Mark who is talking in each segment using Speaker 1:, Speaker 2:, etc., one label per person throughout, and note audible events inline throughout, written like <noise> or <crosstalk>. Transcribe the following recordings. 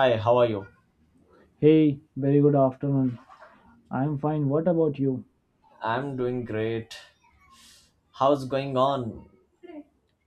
Speaker 1: Hi, how are you?
Speaker 2: Hey, very good afternoon. I'm fine. What about you?
Speaker 1: I'm doing great. How's going on?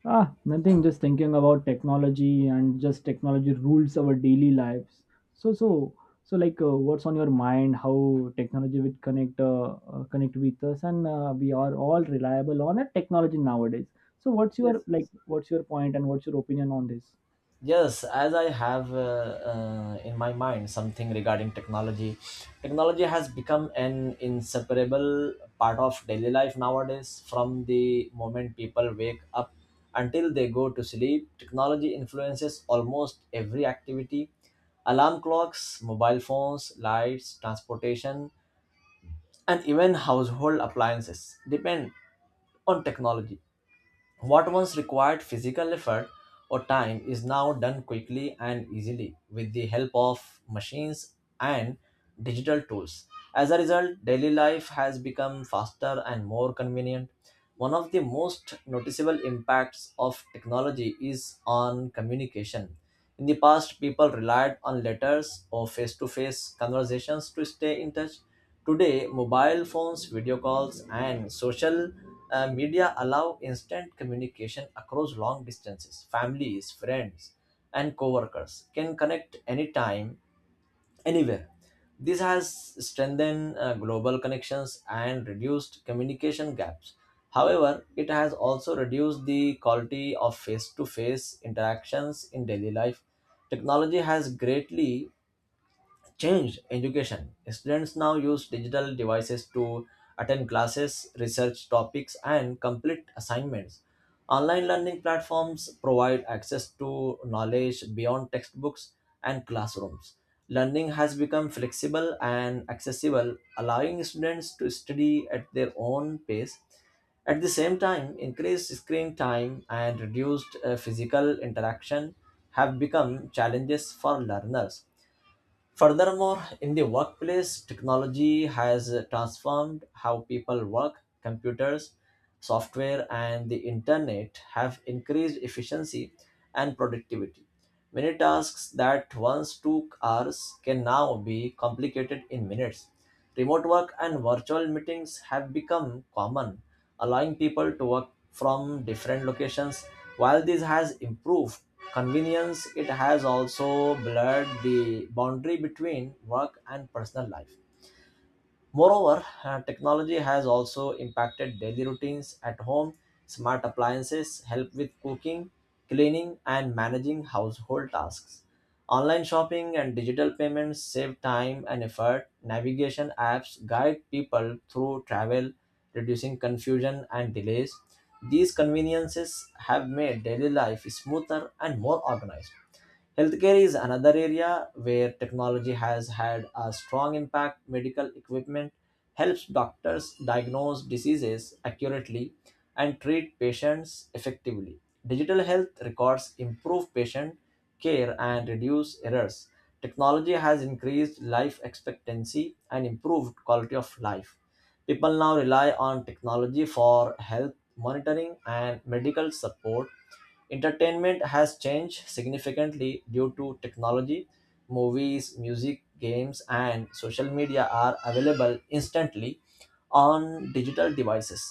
Speaker 2: Ah, nothing. Just thinking about technology, and just technology rules our daily lives. So, so, what's on your mind? How technology would connect, connect with us, and we are all reliable on a technology nowadays. So, what's your
Speaker 1: Yes,
Speaker 2: like?
Speaker 1: yes.
Speaker 2: What's your point and what's your opinion on this?
Speaker 1: Yes, as I have in my mind something regarding technology. Technology has become an inseparable part of daily life nowadays. From the moment people wake up until they go to sleep, technology influences almost every activity. Alarm clocks, mobile phones, lights, transportation, and even household appliances depend on technology. What once required physical effort or time is now done quickly and easily with the help of machines and digital tools. As a result, daily life has become faster and more convenient. One of the most noticeable impacts of technology is on communication. In the past, people relied on letters or face to face conversations to stay in touch. Today, mobile phones, video calls, and social media allow instant communication across long distances. Families, friends, and coworkers can connect anytime, anywhere. This has strengthened global connections and reduced communication gaps. However, it has also reduced the quality of face to face interactions in daily life. Technology has greatly changed education. Students now use digital devices to attend classes, research topics, and complete assignments. Online learning platforms provide access to knowledge beyond textbooks and classrooms. Learning has become flexible and accessible, allowing students to study at their own pace. At the same time, increased screen time and reduced physical interaction have become challenges for learners. Furthermore, in the workplace, technology has transformed how people work. Computers, software, and the internet have increased efficiency and productivity. Many tasks that once took hours can now be complicated in minutes. Remote work and virtual meetings have become common, allowing people to work from different locations. While this has improved convenience, it has also blurred the boundary between work and personal life. Moreover, technology has also impacted daily routines at home. Smart appliances help with cooking, cleaning, and managing household tasks. Online shopping and digital payments save time and effort. Navigation apps guide people through travel, reducing confusion and delays. These conveniences have made daily life smoother and more organized. Healthcare is another area where technology has had a strong impact. Medical equipment helps doctors diagnose diseases accurately and treat patients effectively. Digital health records improve patient care and reduce errors. Technology has increased life expectancy and improved quality of life. People now rely on technology for health monitoring and medical support. Entertainment has changed significantly due to technology. Movies, music, games, and social media are available instantly on digital devices.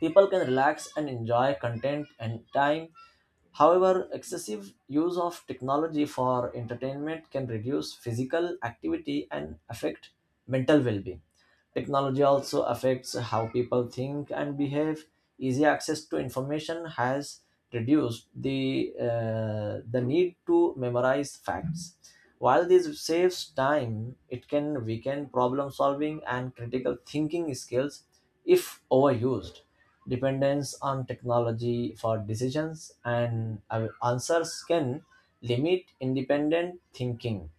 Speaker 1: People can relax and enjoy content and time. However, excessive use of technology for entertainment can reduce physical activity and affect mental well being. Technology also affects how people think and behave. Easy access to information has reduced the need to memorize facts. While this saves time, it can weaken problem solving and critical thinking skills if overused. Dependence on technology for decisions and answers can limit independent thinking.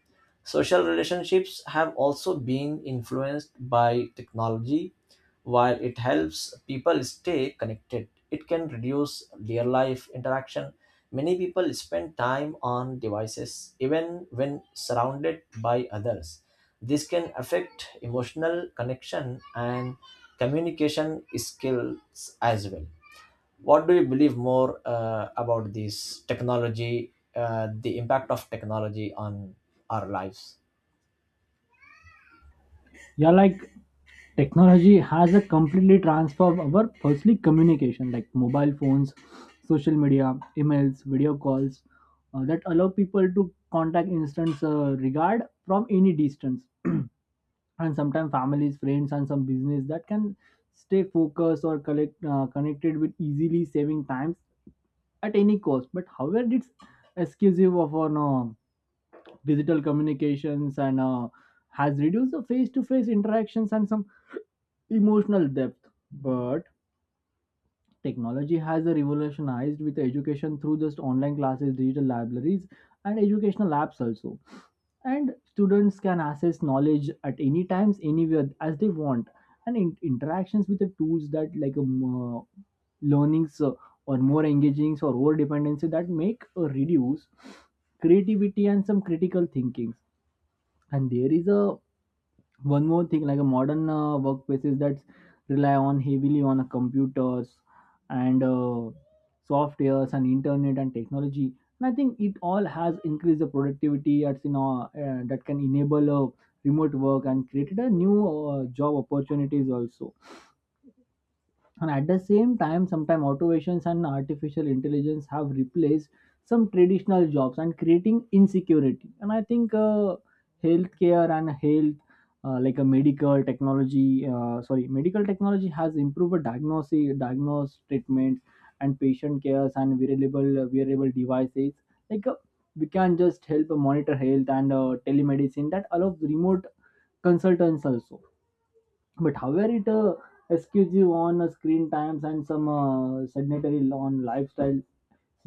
Speaker 1: Social relationships have also been influenced by technology. While it helps people stay connected, it can reduce real life interaction. Many people spend time on devices even when surrounded by others. This can affect emotional connection and communication skills as well. What do you believe more about this technology, the impact of technology on our lives?
Speaker 2: Yeah, like technology has a completely transformed our firstly communication, like mobile phones, social media, emails, video calls, that allow people to contact instant regard from any distance. <clears throat> And sometimes families, friends, and some business that can stay focused or collect connected with easily, saving times at any cost. But however, it's exclusive of our no digital communications, and has reduced the face-to-face interactions and some emotional depth. But technology has revolutionized with education through just online classes, digital libraries, and educational apps also. And students can access knowledge at any times, anywhere as they want. And interactions with the tools that like uh, learnings, or more engagings, or over dependency that make reduce creativity and some critical thinking. And there is a one more thing, like a modern workplaces that rely on heavily on a computers, and softwares and internet and technology, and I think it all has increased the productivity, that's that can enable remote work and created a new job opportunities also. And at the same time, sometimes automations and artificial intelligence have replaced some traditional jobs and creating insecurity. And I think, healthcare and health, like a medical technology, sorry, medical technology has improved diagnosis, diagnose treatments and patient cares, and wearable devices, like, we can just help monitor health. And telemedicine that allows remote consultants also. But however, it excuse you on screen times and some sedentary on lifestyle.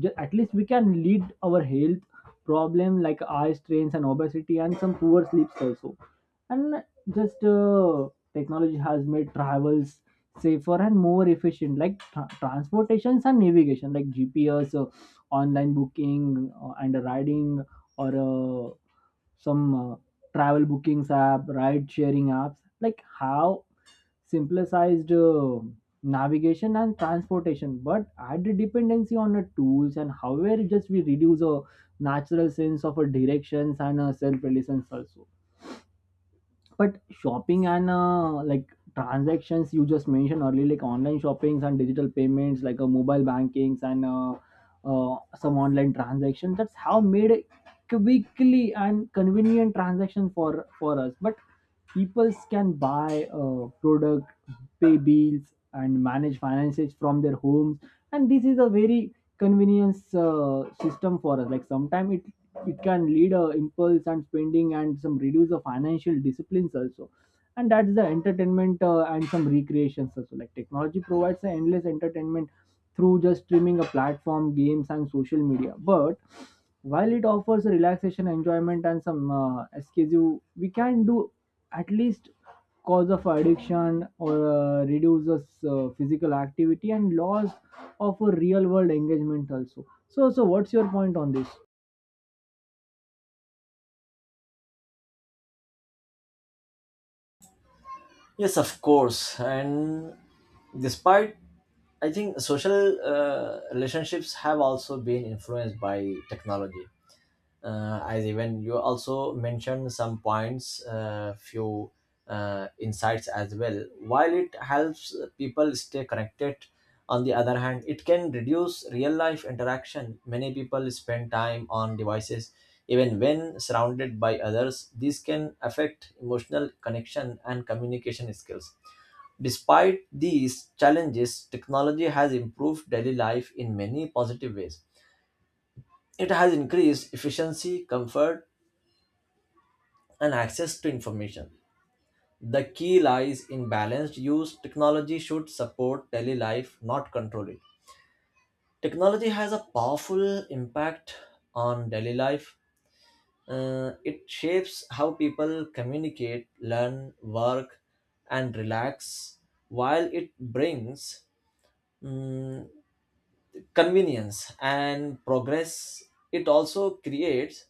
Speaker 2: At least we can lead our health problem like eye strains and obesity and some poor sleeps also. And just, technology has made travels safer and more efficient, like transportations and navigation, like GPS, online booking, and riding, or some travel bookings app, ride sharing apps, like how simplicized navigation and transportation, but added dependency on the tools. And however, just we reduce a natural sense of a directions and a self-reliance also. But shopping and, like transactions, you just mentioned earlier, like online shoppings and digital payments, like mobile bankings, and some online transactions, that's how made a quickly and convenient transaction for us. But people can buy product, pay bills, and manage finances from their homes. And this is a very convenience system for us. Like, sometimes it can lead a impulse and spending and some reduce the financial disciplines also. And that's the entertainment, and some recreations also. Like, technology provides an endless entertainment through just streaming a platform, games, and social media. But while it offers a relaxation, enjoyment, and some escape, we can do at least cause of addiction or reduces physical activity and loss of a real world engagement also. So, what's your point on this?
Speaker 1: Yes, of course. And despite, I think social relationships have also been influenced by technology, as even you also mentioned some points, few insights as well. While it helps people stay connected, on the other hand, it can reduce real life interaction. Many people spend time on devices even when surrounded by others. This can affect emotional connection and communication skills. Despite these challenges, technology has improved daily life in many positive ways. It has increased efficiency, comfort, and access to information. The key lies in balanced use. Technology should support daily life, not control it. Technology has a powerful impact on daily life. It shapes how people communicate, learn, work, and relax, while it brings mm, convenience and progress. It also creates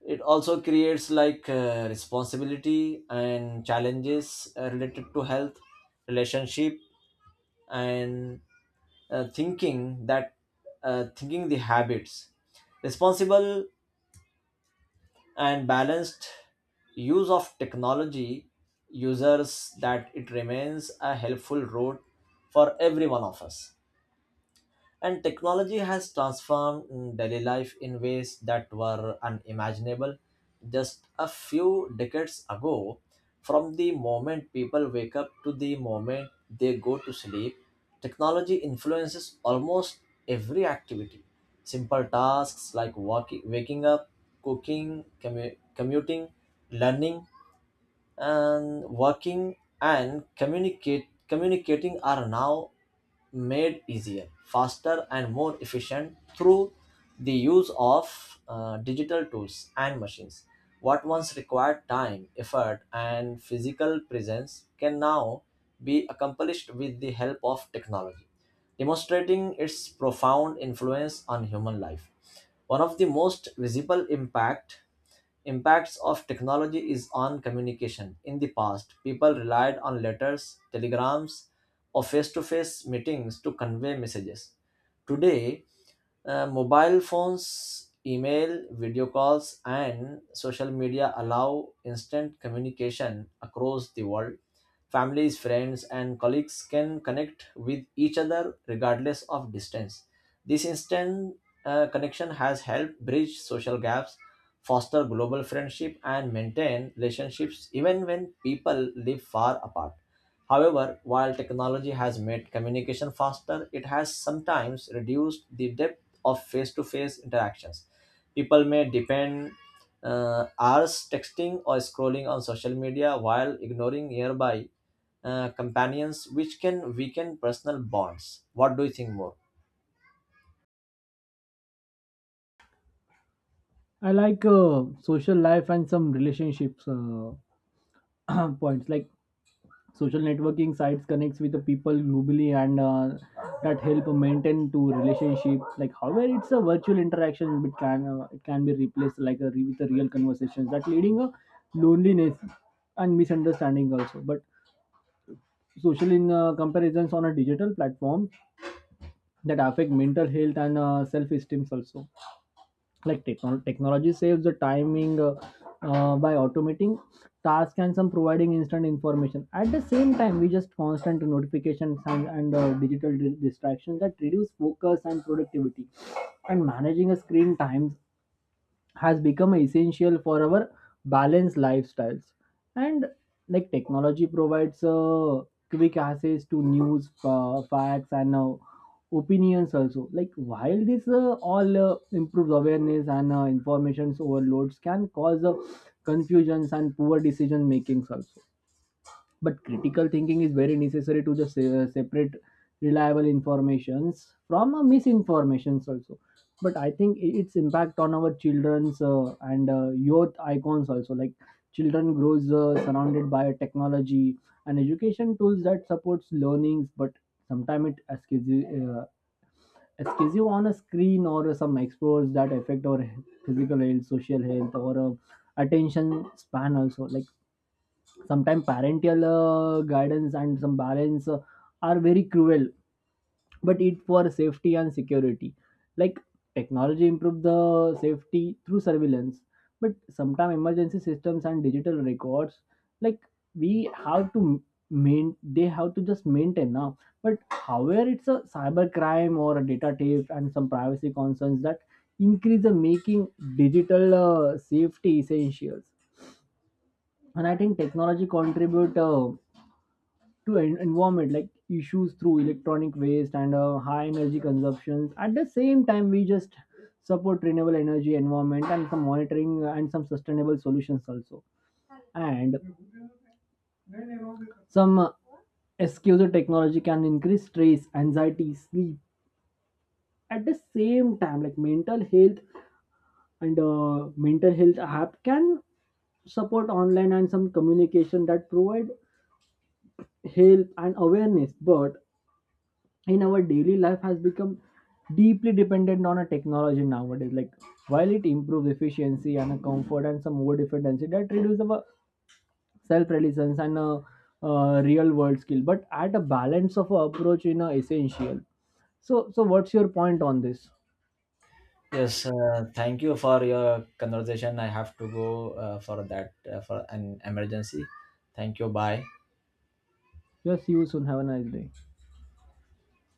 Speaker 1: it also creates like responsibility and challenges related to health, relationship, and thinking that thinking the habits responsible and balanced use of technology users that it remains a helpful road for every one of us. And technology has transformed daily life in ways that were unimaginable just a few decades ago. From the moment people wake up to the moment they go to sleep, technology influences almost every activity. Simple tasks like walking, waking up, cooking, commuting, learning, and working and communicate communicating are now made easier, faster, and more efficient through the use of digital tools and machines. What once required time, effort, and physical presence can now be accomplished with the help of technology, demonstrating its profound influence on human life. One of the most visible impacts of technology is on communication. In the past, people relied on letters, telegrams, or face to face meetings to convey messages. Today, mobile phones, email, video calls, and social media allow instant communication across the world. Families, friends, and colleagues can connect with each other regardless of distance. This instant connection has helped bridge social gaps, foster global friendship, and maintain relationships even when people live far apart. However, while technology has made communication faster, it has sometimes reduced the depth of face-to-face interactions. People may depend hours texting or scrolling on social media while ignoring nearby companions, which can weaken personal bonds. What do you think more?
Speaker 2: I like, social life and some relationships, <clears throat> points. Like, social networking sites connects with the people globally, and that help maintain to relationship. Like, however, it's a virtual interaction, but can it can be replaced like a with a real conversations, that leading a loneliness and misunderstanding also. But social in comparisons on a digital platform that affect mental health and self esteem also. Like, technology saves the timing, by automating tasks and some providing instant information. At the same time, we just constant notifications, and digital distractions that reduce focus and productivity. And managing a screen times has become essential for our balanced lifestyles. And like, technology provides quick access to news, facts, and opinions also. Like, while this all improves awareness, and informations overloads can cause confusions and poor decision makings also. But critical thinking is very necessary to just separate reliable informations from misinformations also. But I think, its impact on our children's, and youth icons also. Like, children grows surrounded by technology and education tools that supports learnings. But sometimes it escapes you, escapes you on a screen or some explores that affect our physical health, social health, or attention span also. Like, sometimes parental guidance and some balance are very cruel, but it for safety and security. Like, technology improve the safety through surveillance. But sometimes emergency systems and digital records, like, we have to main they have to just maintain now. But however, it's a cyber crime or a data theft and some privacy concerns that increase the making digital safety essentials. And I think technology contribute, to environment like issues through electronic waste and high energy consumptions. At the same time, we just support renewable energy environment and some monitoring and some sustainable solutions also. And some, excuse, technology can increase stress, anxiety, sleep at the same time. Like mental health, and mental health app can support online and some communication that provide help and awareness. But in our daily life has become deeply dependent on a technology nowadays. Like, while it improves efficiency and a comfort, and some over dependency that reduces our self-reliance and a, real world skill. But at a balance of a approach in a essential. So, what's your point on this?
Speaker 1: Yes, thank you for your conversation. I have to go for that for an emergency. Thank you. Bye.
Speaker 2: Yes, see you soon, have a nice day.